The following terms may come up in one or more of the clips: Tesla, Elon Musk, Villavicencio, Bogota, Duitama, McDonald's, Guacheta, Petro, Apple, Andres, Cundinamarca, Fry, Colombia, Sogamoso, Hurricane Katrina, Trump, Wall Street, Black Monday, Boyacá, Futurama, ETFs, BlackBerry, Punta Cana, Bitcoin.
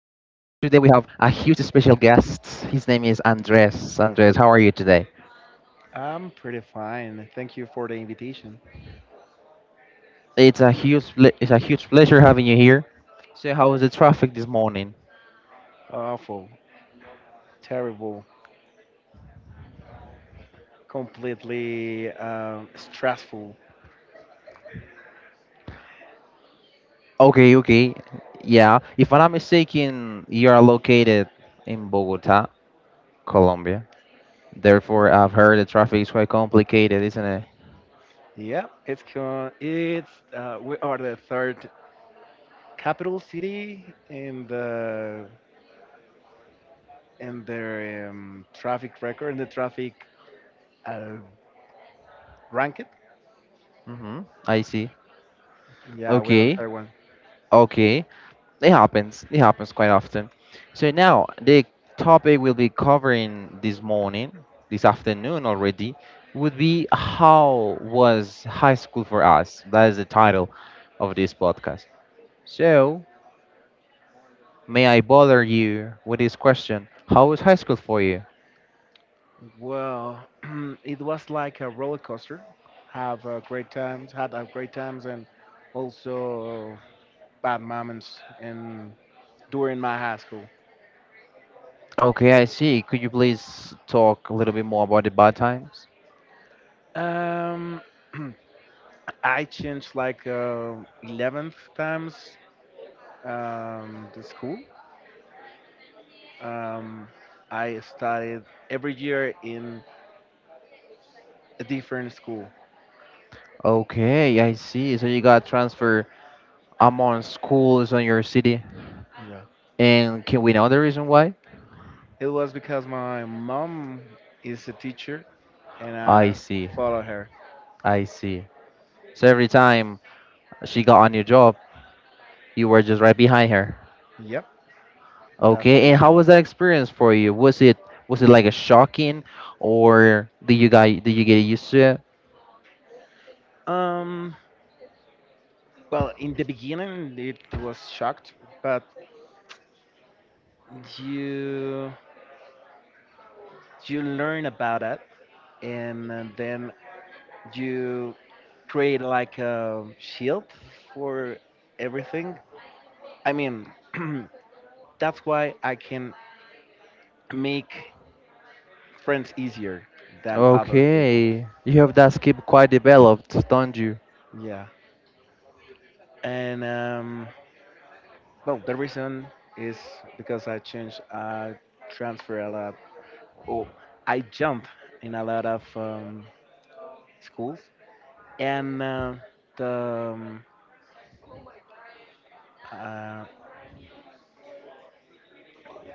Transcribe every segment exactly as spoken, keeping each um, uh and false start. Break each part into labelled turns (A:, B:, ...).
A: Today we have a huge special guest. His name is Andres. Andres, how are you today?
B: I'm pretty fine. Thank you for the invitation.
A: It's a huge ple- it's a huge pleasure having you here. So how was the traffic this morning?
B: Awful, terrible, completely um, stressful.
A: Okay, okay. Yeah, if I'm not mistaken, you are located in Bogota, Colombia. Therefore, I've heard the traffic is quite complicated, isn't it?
B: Yeah, it's co- it's uh, we are the third capital city in the in the um, traffic record in the traffic uh, ranking.
A: Mhm. I see.
B: Yeah, we are the
A: Okay.
B: third one.
A: Okay. It happens. It happens quite often. So now the topic we'll be covering this morning, this afternoon already, would be how was high school for us? That is the title of this podcast. So may I bother you with this question? How was high school for you?
B: Well, it was like a roller coaster. Have a great times, had a great times, and also bad moments and during my high school.
A: Okay, I see. Could you please talk a little bit more about the bad times?
B: Um, I changed like uh, eleven times um, the school. Um, I studied every year in a different school.
A: Okay, I see. So you got transfer among schools on your city,
B: Yeah.
A: and can we know the reason why?
B: It was because my mom is a teacher and
A: I
B: I
A: see.
B: follow her.
A: I see. So every time she got on your job, you were just right behind her.
B: Yep, that's the
A: Okay, and
B: reason
A: how
B: why.
A: was that experience for you? Was it was it like a shocking, or did you guys did you get used to it?
B: Um, well, in the beginning it was shocked, but you you learn about it, and uh, then you create like a shield for everything. I mean, that's why I can make friends easier than other people.
A: Okay, you have that skill quite developed, don't you?
B: Yeah. And um, well, the reason is because I changed, I transfer a lot. Oh, I jump in a lot of um, schools, and uh, the um, uh,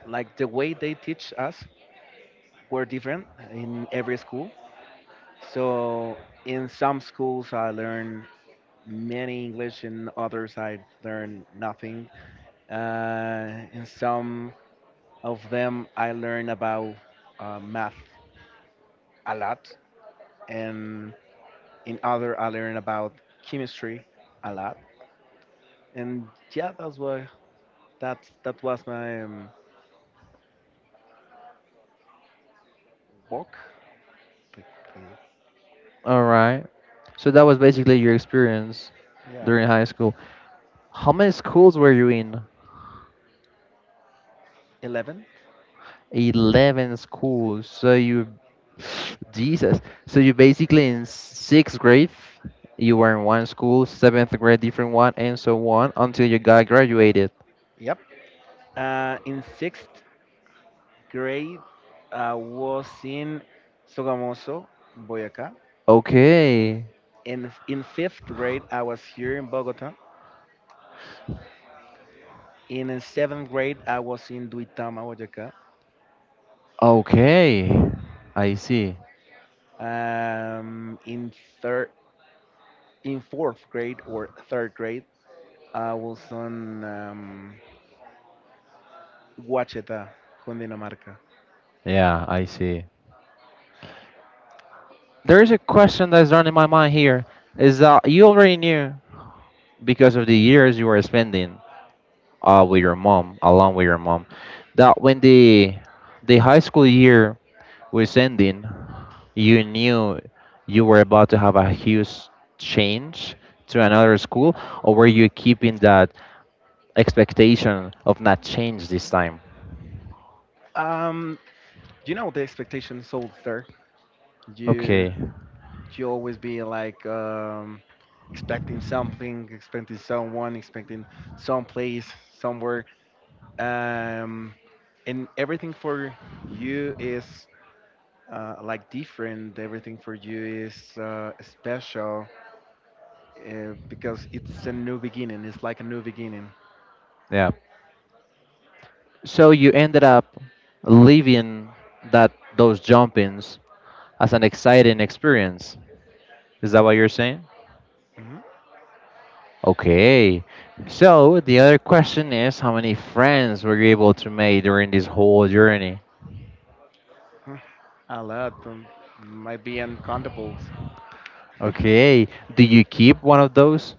B: like the way they teach us were different in every school. So in some schools, I learned many English, in others, I learned nothing. Uh, in some of them, I learned about uh, math a lot, and in other, I learned about chemistry a lot. And yeah, that's what that that was my um, book.
A: All right. So that was basically your experience
B: Yeah,
A: during high school. How many schools were you in?
B: eleven.
A: eleven schools. So you, Jesus. So you basically in sixth grade, you were in one school, seventh grade, different one, and so on until you got graduated.
B: Yep. Uh, in sixth grade, I was in Sogamoso, Boyacá.
A: Okay.
B: And in fifth grade, I was here in Bogota. In uh, seventh grade, I was in Duitama, Boyacá.
A: Okay, I see.
B: Um, in third, in fourth grade or third grade, I was on um, Guacheta, Cundinamarca.
A: Yeah, I see. There's a question that's running in my mind here. Is that you already knew because of the years you were spending uh, with your mom, along with your mom, that when the the high school year with ending, you knew you were about to have a huge change to another school, or were you keeping that expectation of not change this time?
B: Um, you know the expectation sold there. You
A: Okay,
B: you always be like um, expecting something, expecting someone, expecting some place, somewhere. Um, and everything for you is uh, like different. Everything for you is uh, special uh, because it's a new beginning. It's like a new beginning.
A: yeah. So you ended up leaving that those jumpings as an exciting experience. Is that what you're saying?
B: Mhm.
A: Okay. So the other question is how many friends were you able to make during this whole journey?
B: mm A lot um, might be uncountables.
A: Okay. Do you keep one of those?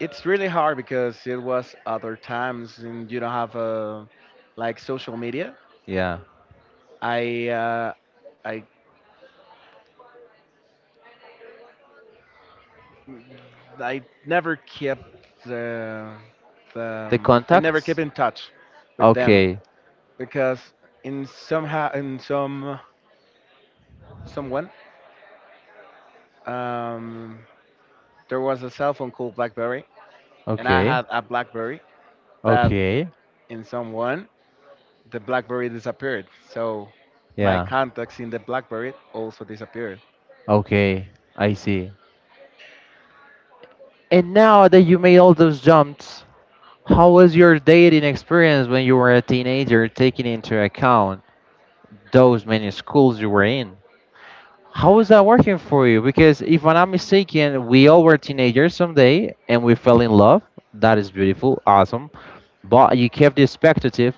B: It's really hard because it was other times and you don't have uh, like social media.
A: Yeah.
B: I uh, I I never kept the, the
A: The
B: um, I never kept
A: contacts?
B: in touch with them
A: Okay,
B: because in somehow in some someone, Um, there was a cell phone called BlackBerry, and I
A: okay,
B: had a BlackBerry, but
A: okay.
B: in someone the BlackBerry disappeared. So my
A: Yeah,
B: contacts in the BlackBerry also disappeared.
A: okay, I see. And now that you made all those jumps, how was your dating experience when you were a teenager, taking into account those many schools you were in? How was that working for you? Because if I'm not mistaken, we all were teenagers someday and we fell in love. That is beautiful, awesome. But you kept the expectative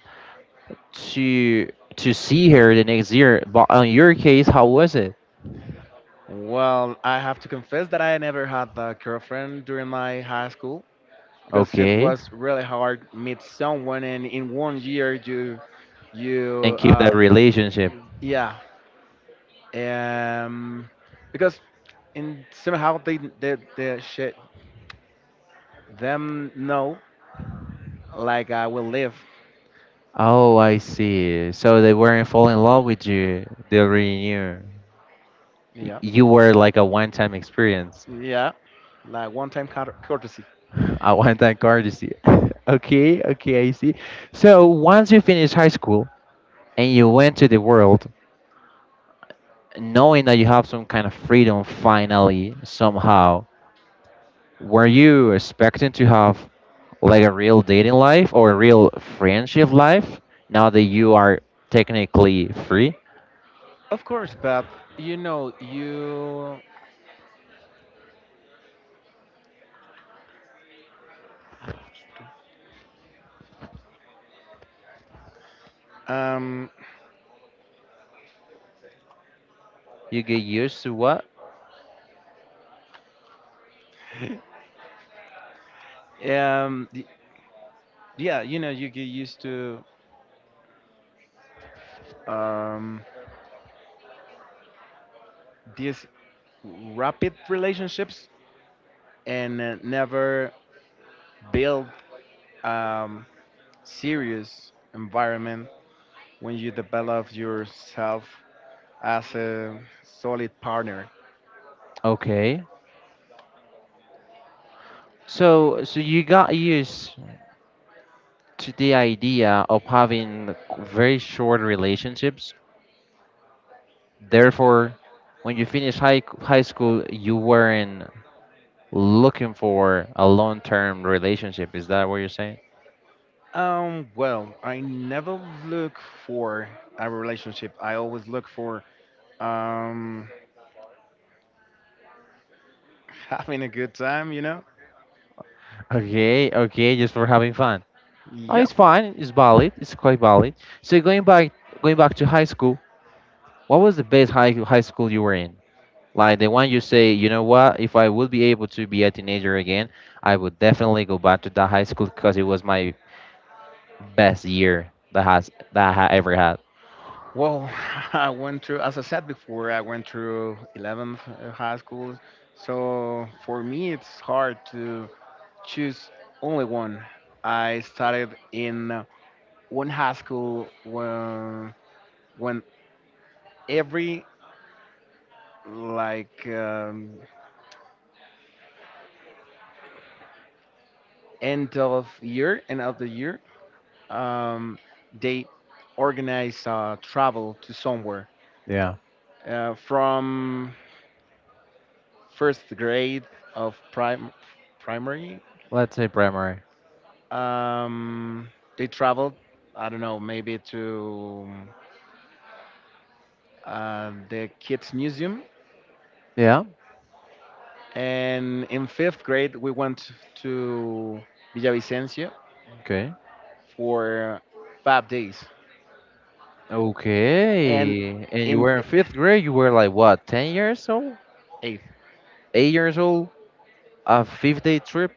A: to to see her the next year. But on your case, how was it?
B: Well, I have to confess that I never had a girlfriend during my high school because it
A: Okay.
B: was really hard meet someone, and in one year you.
A: And
B: you
A: keep that
B: uh
A: relationship.
B: yeah. um because in somehow they they, they shit them know, like I will live.
A: Oh, I see. So they weren't fall in love with you. They already knew. Y-
B: Yeah,
A: You were like a one-time experience,
B: yeah, like one-time cour- courtesy.
A: a one-time courtesy. Okay, okay, I see. So once you finish high school and you went to the world, knowing that you have some kind of freedom finally, somehow, were you expecting to have like a real dating life or a real friendship life now that you are technically free?
B: Of course, but you know, you um
A: You get used to what?
B: um y- yeah, you know, you get used to um these rapid relationships and uh, never build um serious environment when you develop yourself as a solid partner.
A: Okay. So so you got used to the idea of having very short relationships. Therefore, when you finish high high school, you weren't looking for a long-term relationship. Is that what you're saying?
B: Um, well, I never look for a relationship. I always look for Um, having a good time, you know?
A: Okay, okay, just for having fun. Oh,
B: Yep.
A: it's fine. It's valid. It's quite valid. So going back going back to high school, what was the best high high school you were in? Like the one you say, you know what? If I would be able to be a teenager again, I would definitely go back to that high school because it was my best year that has that I ha- ever had.
B: Well, I went through, as I said before, I went through eleventh high school. So for me, it's hard to choose only one. I started in one high school when, when every like um, end of year, and of the year, um, they organize uh, travel to somewhere
A: Yeah.
B: uh, from first grade of prim- primary.
A: Let's say primary.
B: Um, they traveled, I don't know, maybe to uh, the kids' museum.
A: Yeah.
B: And in fifth grade, we went to Villavicencio
A: Okay.
B: for five days. And
A: Okay. And you
B: in
A: were in fifth grade. You were like what, ten years old,
B: eighth,
A: eight years old? A fifth-day trip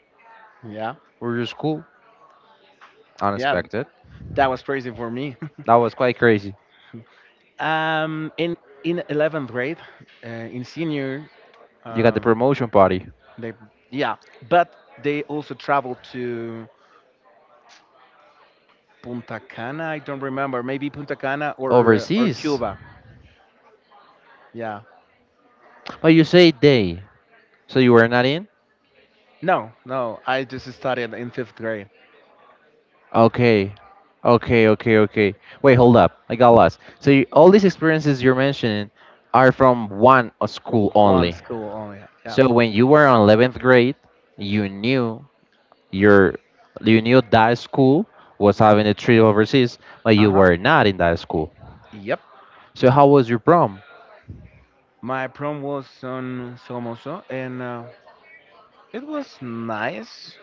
B: yeah,
A: with your school?
B: yeah,
A: Unexpected.
B: that was crazy for me.
A: That was quite crazy.
B: um, in in eleventh grade, uh, in senior,
A: You got the
B: um,
A: promotion party
B: they yeah, but they also traveled to Punta Cana, I don't remember. Maybe Punta Cana or or
A: overseas.
B: Cuba. Yeah.
A: But you say they. So you were not in?
B: No, no. I just started in fifth grade.
A: Okay. Okay, okay, okay. Wait, hold up. I got lost. So you, all these experiences you're mentioning are from one o- school
B: One
A: only.
B: school only. Yeah.
A: So when you were on eleventh grade, you knew your you knew that school was having a trip overseas, but
B: Uh
A: you
B: huh.
A: were not in that school.
B: Yep.
A: So how was your prom?
B: My prom was on Somoso, and uh, it was nice.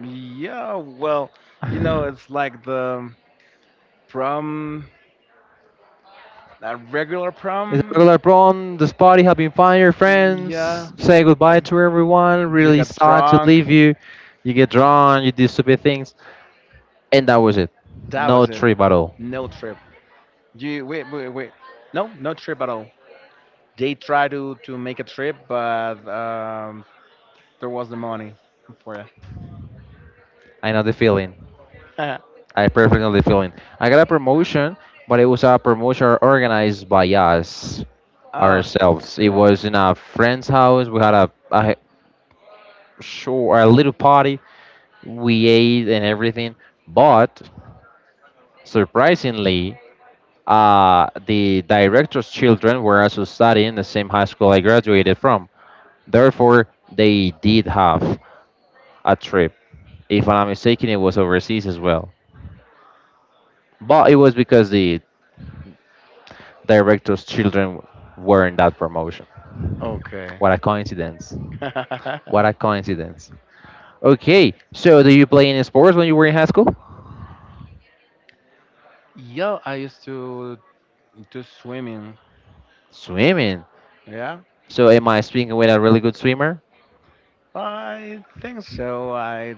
B: Yeah. Well, you know, it's like the prom, a regular
A: It's a
B: prom.
A: regular prom, this party having fun, your friends
B: Yeah.
A: say goodbye to everyone,
B: You
A: really
B: got
A: sad to
B: drunk.
A: leave you, you get drunk, you do stupid things. And that was it.
B: That
A: No
B: was it.
A: trip at all.
B: No trip. You wait, wait, wait. No, no trip at all. They tried to to make a trip, but um, there was the money for
A: I know the feeling.
B: that.
A: I perfectly know the feeling. I got a promotion, but it was a promotion organized by us
B: Ah,
A: ourselves. It
B: yeah.
A: was in a friend's house. We had a, a short, a little party. We ate and everything. But surprisingly, uh, the director's children were also studying the same high school I graduated from. Therefore, they did have a trip. If I'm not mistaken, it was overseas as well. But it was because the director's children were in that promotion.
B: Okay.
A: What a coincidence. What a coincidence. Okay, so do you play any sports when you were in high school?
B: Yeah, I used to do swimming.
A: Swimming.
B: Yeah,
A: So am I speaking with a really good swimmer?
B: I think so. I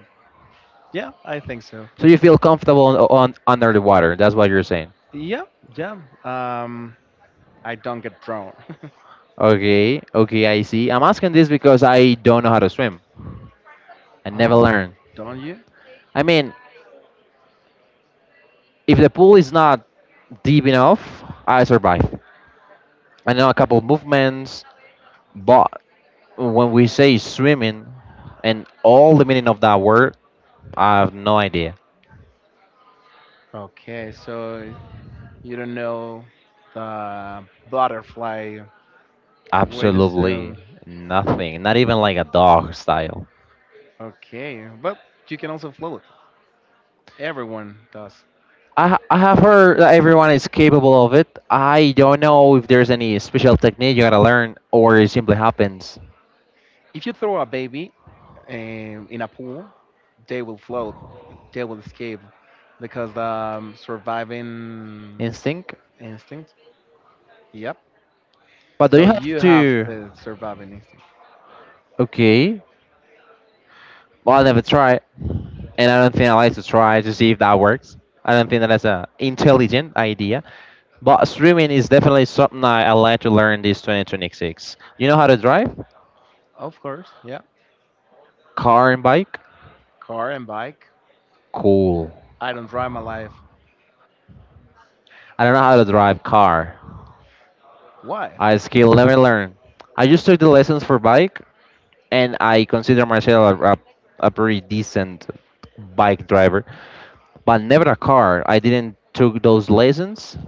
B: Yeah, I think so.
A: So you feel comfortable on, on under the water. That's what you're saying.
B: Yeah, yeah. Um, I don't get drowned.
A: Okay, okay, I see. I'm asking this because I don't know how to swim. I never
B: Oh,
A: learned.
B: don't you?
A: I mean, if the pool is not deep enough, I survive. I know a couple movements, but when we say swimming and all the meaning of that word, I have no idea.
B: Okay, so you don't know the butterfly way to swim.
A: Absolutely nothing. Not even like a dog style.
B: Okay, but you can also float. Everyone does.
A: I, ha- I have heard that everyone is capable of it. I don't know if there's any special technique you gotta learn or it simply happens
B: If you throw a baby um, in a pool, they will float, they will escape because the um, surviving
A: instinct.
B: instinct. Yep.
A: But do you
B: So
A: have
B: you have
A: to?
B: the surviving instinct.
A: Okay. Well, I never try, and I don't think I like to try to see if that works. I don't think that that's a intelligent idea. But streaming is definitely something I, I like to learn this twenty twenty-six. You know how to drive?
B: Of course. Yeah.
A: Car and bike?
B: Car and bike.
A: Cool.
B: I don't drive my life.
A: I don't know how to drive car.
B: Why?
A: I still never learned. I just took the lessons for bike and I consider myself a, a, a pretty decent bike driver, but never a car. I didn't took those lessons.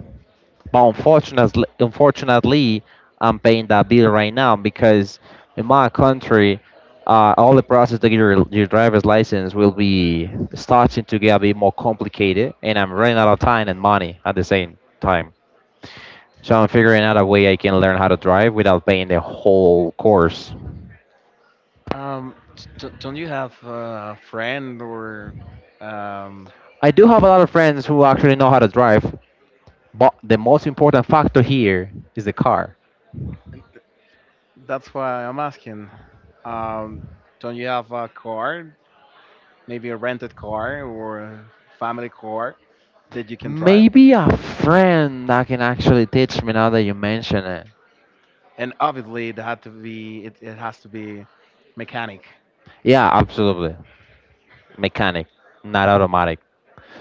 A: But unfortunately, unfortunately, I'm paying that bill right now because in my country, uh, all the process to get your, your driver's license will be starting to get a bit more complicated, and I'm running out of time and money at the same time. So I'm figuring out a way I can learn how to drive without paying the whole course.
B: Um, t- don't you have uh, a friend or. Um,
A: I do have a lot of friends who actually know how to drive, but the most important factor here is the car.
B: that's why I'm asking. Um, don't you have a car? Maybe a rented car or a family car that you can drive,
A: Maybe a friend that can actually teach me now that you mention it.
B: and obviously it had to be it, it has to be mechanic.
A: Yeah, absolutely. Mechanic, not automatic.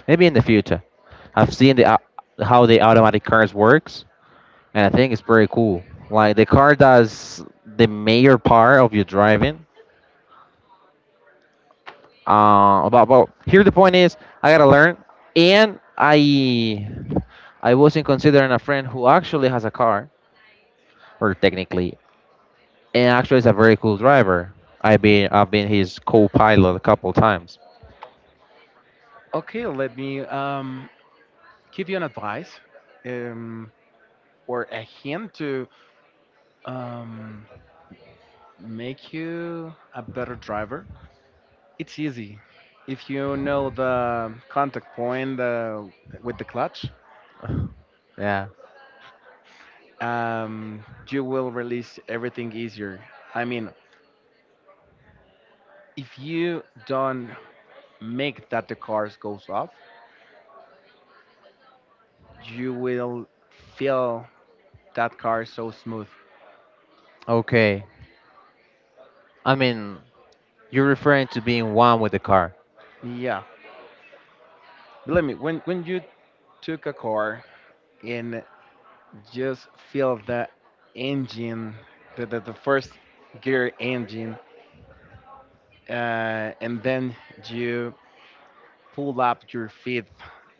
A: Maybe in the future. I've seen the au- how the automatic cars works, and I think it's pretty cool. Like the car does the major part of your driving. Uh, about, about here the point is I gotta learn, and I I wasn't considering a friend who actually has a car, or technically, and actually is a very cool driver. I've been I've been his co-pilot a couple times.
B: Okay, let me um, give you an advice um, or a hint to um, make you a better driver. It's easy if you know the contact point uh, with the clutch.
A: Yeah.
B: Um, you will release everything easier. I mean, if you don't make that the cars goes off, you will feel that car is so smooth.
A: Okay. I mean, you're referring to being one with the car.
B: Yeah, believe me, when when you took a car and just feel the engine, the the, the first gear engine, uh, and then you pull up your feet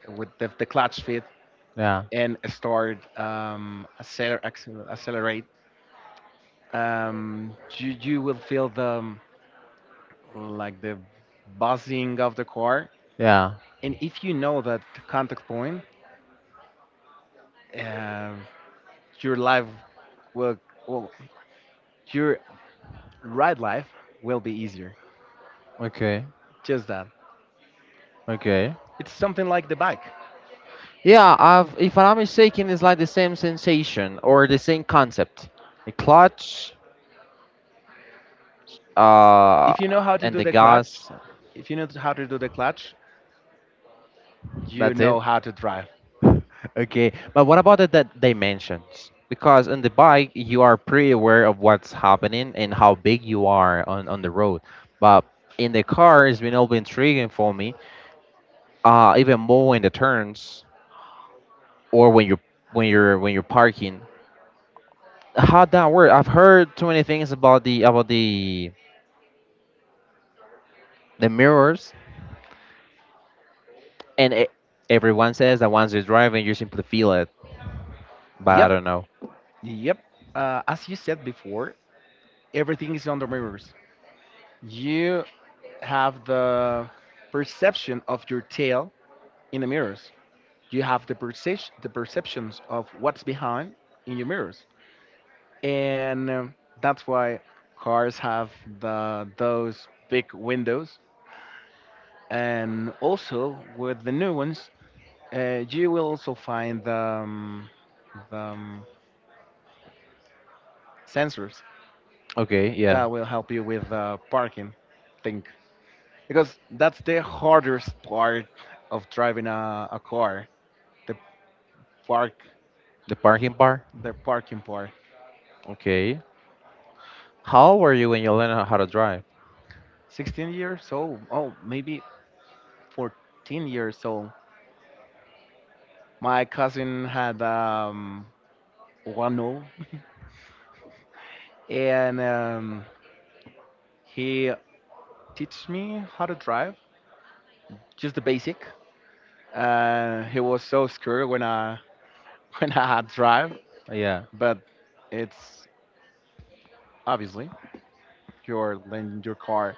B: with the, the clutch feet
A: Yeah,
B: and start um, acceler- accel- accelerate. Um, you you will feel the like the buzzing of the car,
A: yeah.
B: and if you know that contact point. Uh, your life Well, well, your ride life will be easier.
A: Okay,
B: Just that.
A: okay.
B: It's something like the bike.
A: Yeah, I've, if I'm not mistaken, it's like the same sensation or the same concept. The clutch, uh,
B: If you know how to
A: and
B: do
A: the
B: the clutch,
A: gas.
B: If you know how to do the clutch, you
A: That's it.
B: know how to drive.
A: Okay, but what about the, the dimensions? Because on the bike, you are pretty aware of what's happening and how big you are on, on the road. But in the car, it's been all been intriguing for me. Uh, even more in the turns or when you're when you're when you're parking. How that work? I've heard too many things about the about the the mirrors, and e everyone says that once you're driving, you simply feel it. But I
B: Yep,
A: don't know.
B: yep. Uh, as you said before, everything is on the mirrors. You have the perception of your tail in the mirrors. You have the perception, the perceptions of what's behind in your mirrors. And um, that's why cars have the those big windows. And also with the new ones, uh, you will also find the, um, the um, sensors
A: Okay, yeah,
B: that will help you with uh, parking thing because that's the hardest part of driving a, a car, the park
A: the parking bar.
B: the parking part.
A: Okay, how old were you when you learned how to drive?
B: sixteen years old, oh maybe fourteen years old. My cousin had um one, and um, he teach me how to drive, just the basic. Uh, he was so scared when I when I had drive,
A: Yeah,
B: but it's obviously you're lending your car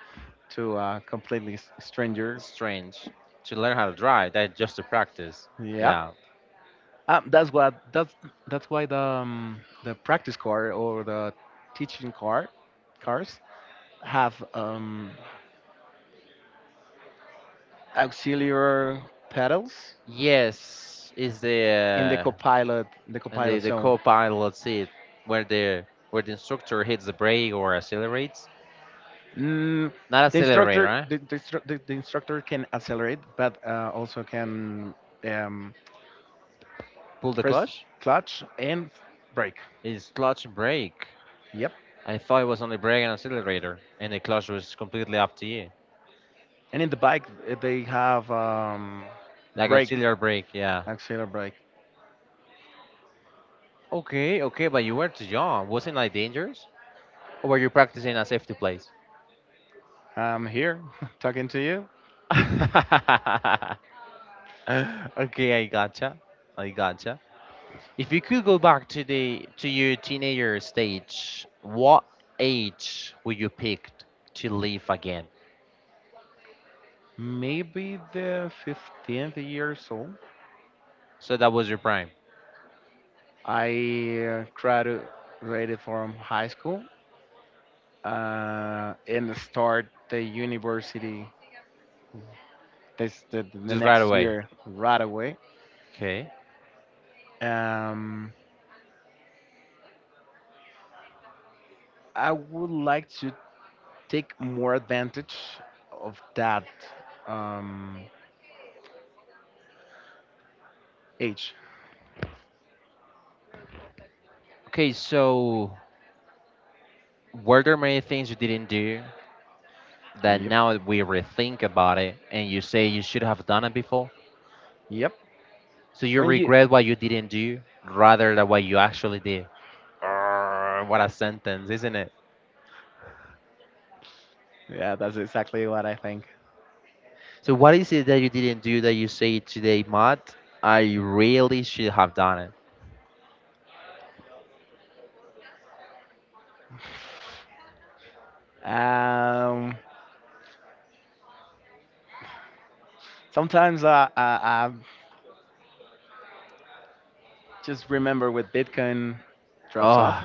B: to a completely s- stranger.
A: strange to learn how to drive. That just to practice.
B: Yep.
A: Yeah.
B: Um, that's what that's that's why the um, the practice car or the teaching car cars have um, auxiliary pedals
A: Yes, is
B: in the
A: the uh,
B: copilot the
A: and the
B: copilot
A: the
B: zone.
A: co-pilot seat where the where the instructor hits the brake or accelerates.
B: Mm,
A: Not
B: the
A: accelerate,
B: instructor,
A: right?
B: the, the, instru- the, the instructor can accelerate, but uh, also can um,
A: Pull the
B: press
A: clutch?
B: clutch and brake.
A: It's clutch brake.
B: Yep.
A: I thought it was only brake and accelerator, and the clutch was completely up to you.
B: And in the bike, uh, they have um,
A: Like
B: brake,
A: auxiliary brake, yeah.
B: accelerate brake.
A: Okay, okay, but you were too young. Wasn't like dangerous? Or were you practicing a safety place?
B: I'm here talking to you.
A: Okay, I gotcha. I gotcha. If you could go back to the to your teenager stage, what age would you pick to leave again?
B: Maybe the fifteenth years old.
A: So that was your prime.
B: I uh, graduated from high school uh, and start the university this the, the
A: Just right
B: next
A: away.
B: year right away.
A: Okay.
B: Um, I would like to take more advantage of that um, age.
A: Okay, so were there many things you didn't do that
B: Yep.
A: now that we rethink about it and you say you should have done it before?
B: Yep.
A: So you
B: When you,
A: regret what you didn't do rather than what you actually did. Arr, what a sentence, isn't it?
B: yeah, that's exactly what I think.
A: So what is it that you didn't do that you say today, Matt? I really should have done.
B: Um, sometimes I, I, I just remember with Bitcoin drops off.
A: Oh,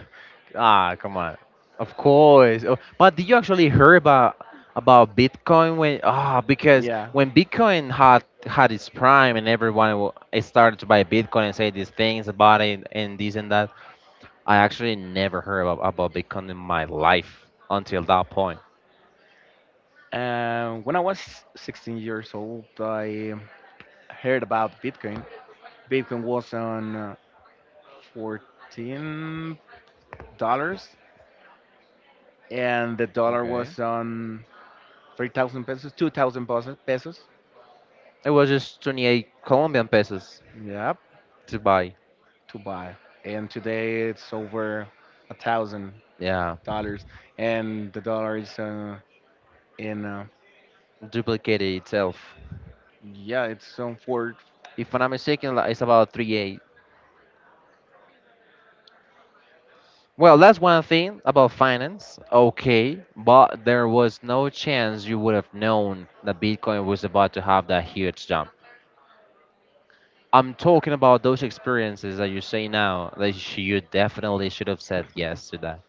A: ah, come on. Of course. Oh, but did you actually hear about about Bitcoin when? Ah, because
B: Yeah.
A: when Bitcoin had had its prime and everyone wa- started to buy Bitcoin and say these things about it and this and that, I actually never heard about, about Bitcoin in my life until that point.
B: Uh, when I was sixteen years old, I heard about Bitcoin. Bitcoin was on uh, fourteen dollars, and the dollar was on three thousand pesos, two thousand pesos.
A: It was just twenty-eight Colombian pesos
B: Yep,
A: to buy.
B: to buy. And today it's over a thousand
A: Yeah,
B: dollars, and the dollar is uh, in. Uh,
A: duplicated itself.
B: yeah, it's on four.
A: If I'm not mistaken, like, it's about three eight. Well, that's one thing about finance. Okay, but there was no chance you would have known that Bitcoin was about to have that huge jump. I'm talking about those experiences that you say now that sh- you definitely should have said yes to that.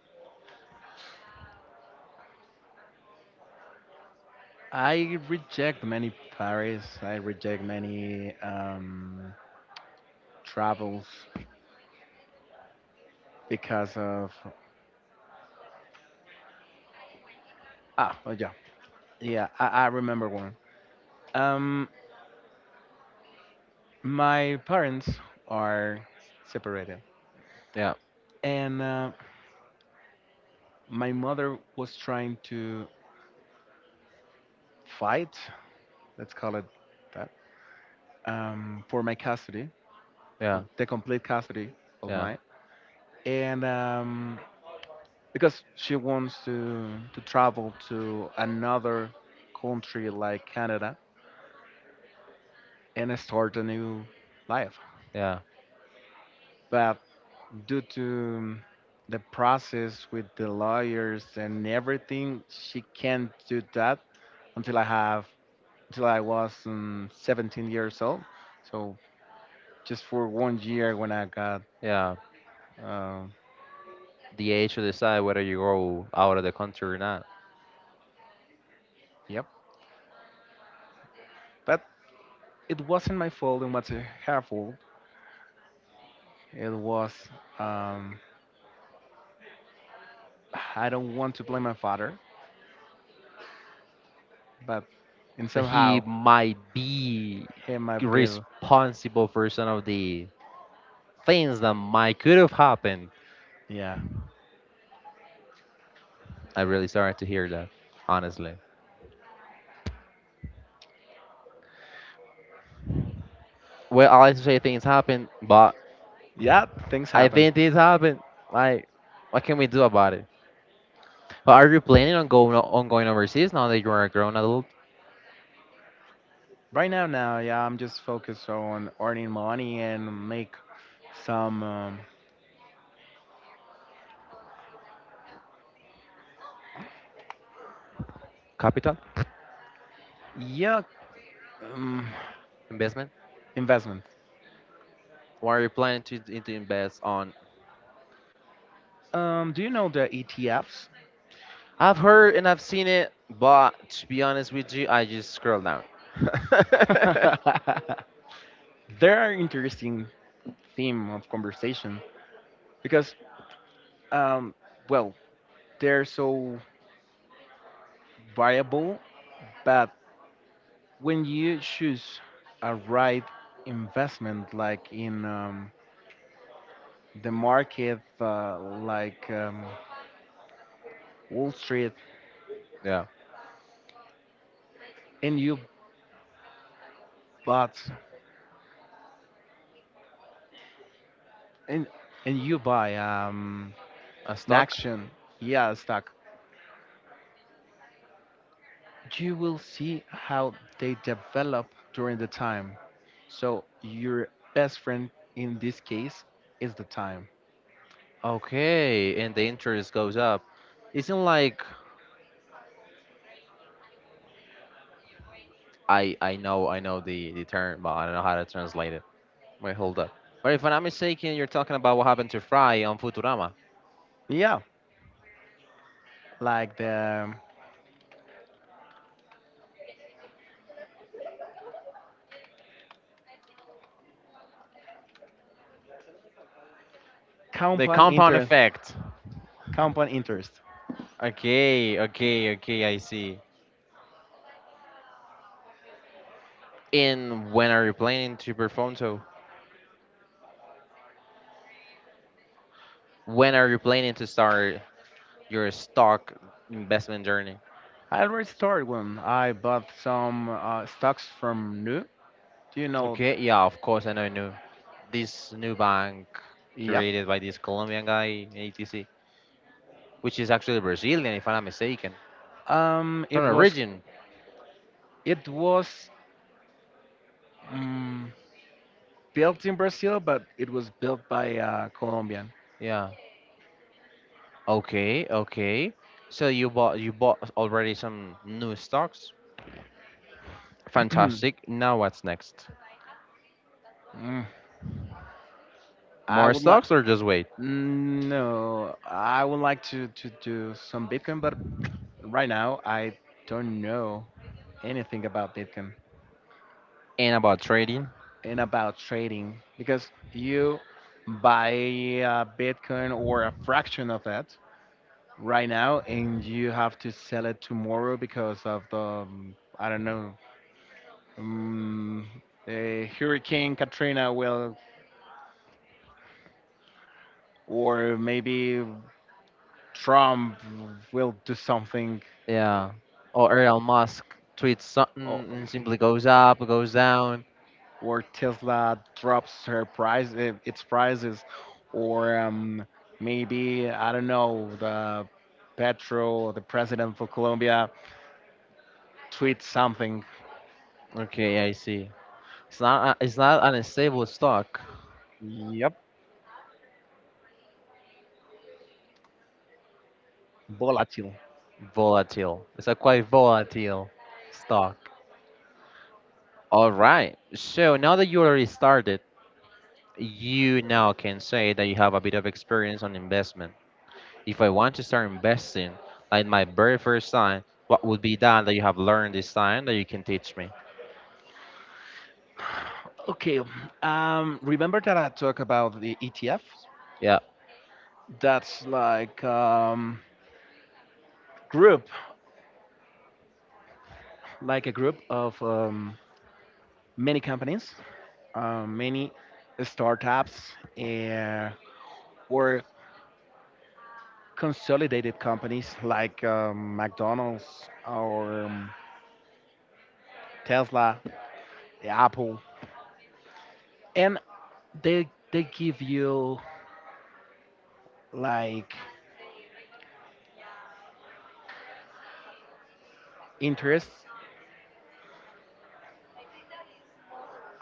B: I reject many Paris. I reject many um, travels because of Ah, oh yeah, yeah. I, I remember one. Um, my parents are separated,
A: Yeah,
B: and uh, my mother was trying to fight. Let's call it that. Um, for my custody,
A: yeah,
B: for the complete custody of
A: yeah,
B: mine, and um, because she wants to to travel to another country like Canada and start a new life,
A: yeah,
B: but due to um, the process with the lawyers and everything, she can't do that until I have until I was um, seventeen years old. So just for one year when I got,
A: yeah.
B: uh,
A: The age to decide whether you go out of the country or not.
B: yep. But it wasn't my fault. And what's her fault. It was um, I don't want to blame my father, but and
A: So he
B: somehow
A: might be
B: he might be.
A: responsible for some of the things that might could have happened.
B: Yeah,
A: I'm really sorry to hear that, honestly. Well, I like to say things happen, but
B: yeah, things
A: I
B: happen.
A: think this happened. Like, what can we do about it? But are you planning on going on going overseas now that you are a grown adult?
B: Right now, now, yeah, I'm just focused on earning money and make some, um,
A: Capital
B: yeah, um,
A: investment.
B: investment.
A: What are you planning to d- to invest on?
B: Um, do you know the E T Fs?
A: I've heard and I've seen it, but to be honest with you, I just scroll down.
B: They're an interesting theme of conversation because, um, well, they're so variable, but when you choose a right investment, like in um, the market, uh, like um, Wall Street,
A: Yeah,
B: and you bought and and you buy um,
A: a
B: an
A: stock.
B: action, yeah, stock. You will see how they develop during the time, so your best friend in this case is the time.
A: Okay, and the interest goes up. Isn't like I I know I know the the term, but I don't know how to translate it. Wait, hold up. But if I'm not mistaken, you're talking about what happened to Fry on Futurama.
B: Yeah, like the
A: The
B: compound
A: compound
B: interest
A: effect.
B: compound interest.
A: Okay, okay, okay, I see. And when are you planning to perform so? When are you planning to start your stock investment journey?
B: I already started when I bought some uh, stocks from nu. Do you know?
A: Okay, yeah, of course, I know, I knew. This new bank
B: Yeah.
A: created by this Colombian guy, A T C, which is actually Brazilian, if I'm not mistaken.
B: um
A: From
B: it was
A: origin,
B: it was mm built in Brazil, but it was built by a Colombian.
A: yeah. Okay, okay. So you bought you bought already some new stocks. Fantastic. Now what's next?
B: Mm, I
A: More
B: would like.
A: stocks or just wait?
B: No, I would like to to do some Bitcoin, but right now I don't know anything about Bitcoin
A: And about trading.
B: and about trading because you buy a Bitcoin or a fraction of that right now, and you have to sell it tomorrow because of the um, I don't know. Um, uh, Hurricane Katrina will, or maybe Trump will do something,
A: Yeah. Or Elon Musk tweets something
B: or,
A: and simply goes up, goes down.
B: or Tesla drops her price, eh, its prices, or um, maybe I don't know, the Petro, the president for Colombia, tweets something.
A: Okay, I see. It's not a, it's not an unstable stock.
B: Yep. Volatile.
A: Volatile. It's a quite volatile stock. All right. So now that you already started, you now can say that you have a bit of experience on investment. If I want to start investing, like my very first sign, what would be that that you have learned this time that you can teach me?
B: Okay, um, remember that I talked about the E T F?
A: Yeah.
B: That's like um, group, like a group of um, many companies, uh, many startups, uh, were consolidated companies like um, McDonald's or um, Tesla, Apple, and they they give you like interest.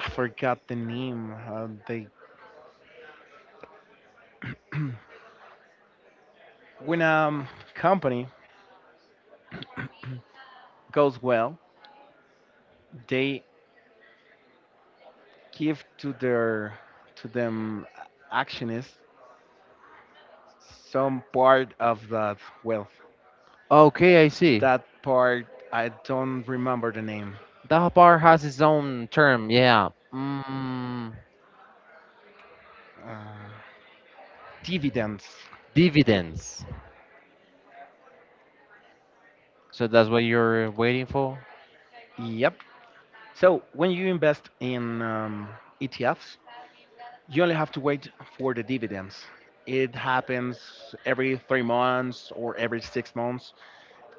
B: I forgot the name. Uh, they When a company goes well, they give to their to them actionists some part of that wealth.
A: Okay, I see.
B: That part I don't remember the name.
A: That bar has its own term. Yeah. Mm,
B: uh, Dividends.
A: dividends. So that's what you're waiting for?
B: Yep. So when you invest in um, E T Fs, you only have to wait for the dividends. It happens every three months or every six months,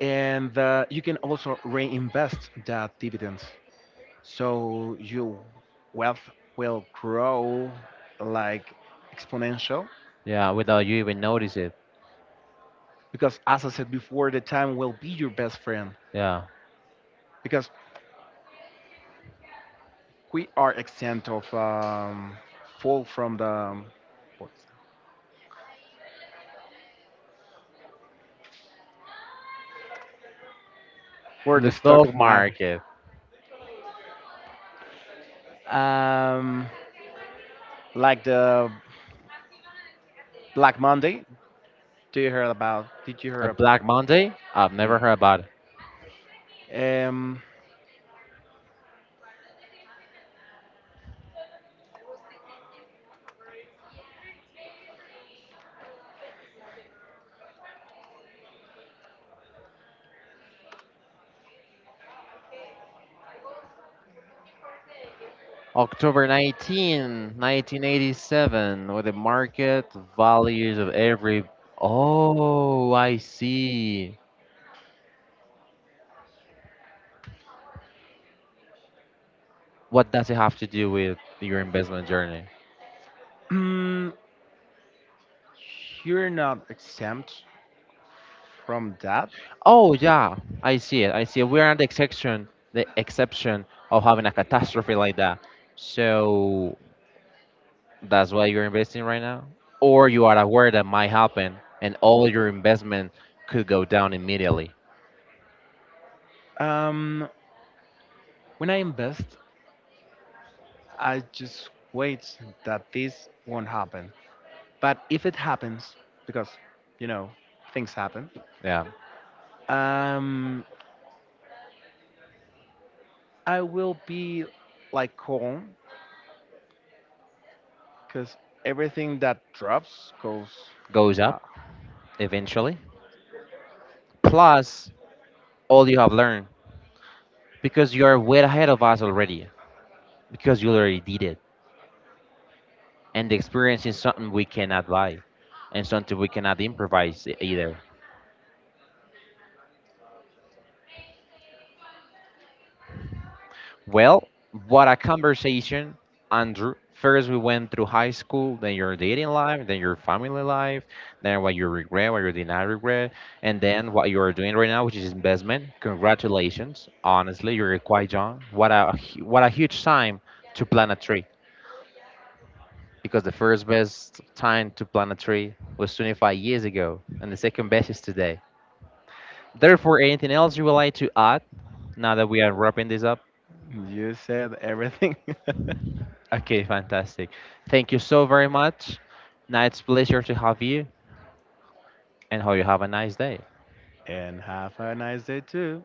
B: and uh, you can also reinvest that dividends. So your wealth will grow like exponential
A: Yeah, without you even notice it.
B: because, as I said before, the time will be your best friend
A: Yeah.
B: because we are exempt of um, fall from the um, where the
A: The
B: stock
A: stock
B: market.
A: market.
B: Um, like the Black Monday. Do you hear about? Did you
A: A
B: hear? About,
A: Black Monday? I've
B: yeah.
A: never heard about it.
B: Um,
A: October nineteenth, nineteen, nineteen eighty-seven, with the market values of every. Oh, I see. What does it have to do with your investment journey?
B: you're not exempt from that.
A: Oh, yeah, I see it. I see it. We're on the exception, the exception of having a catastrophe like that. So that's why you're investing right now? Or you are aware that might happen and all your investment could go down immediately.
B: Um, when I invest, I just wait that this won't happen. But if it happens, because you know things happen,
A: Yeah,
B: um, I will be like calm because everything that drops goes.
A: goes up
B: Uh,
A: eventually. Plus, all you have learned because you are way ahead of us already because you already did it. And the experience is something we cannot buy and something we cannot improvise e- either. Well, what a conversation, Andrew. First, we went through high school, then your dating life, then your family life, then what you regret, what you did not regret, and then what you are doing right now, which is investment. Congratulations. Honestly, you're quite young. What a, hu- what a huge time to plant a tree. Because the first best time to plant a tree was twenty-five years ago, and the second best is today. Therefore, anything else you would like to add now that we are wrapping this up?
B: you said everything.
A: Okay, fantastic. Thank you so very much. Now it's a pleasure to have you, and hope you have a nice day.
B: And have a nice day too.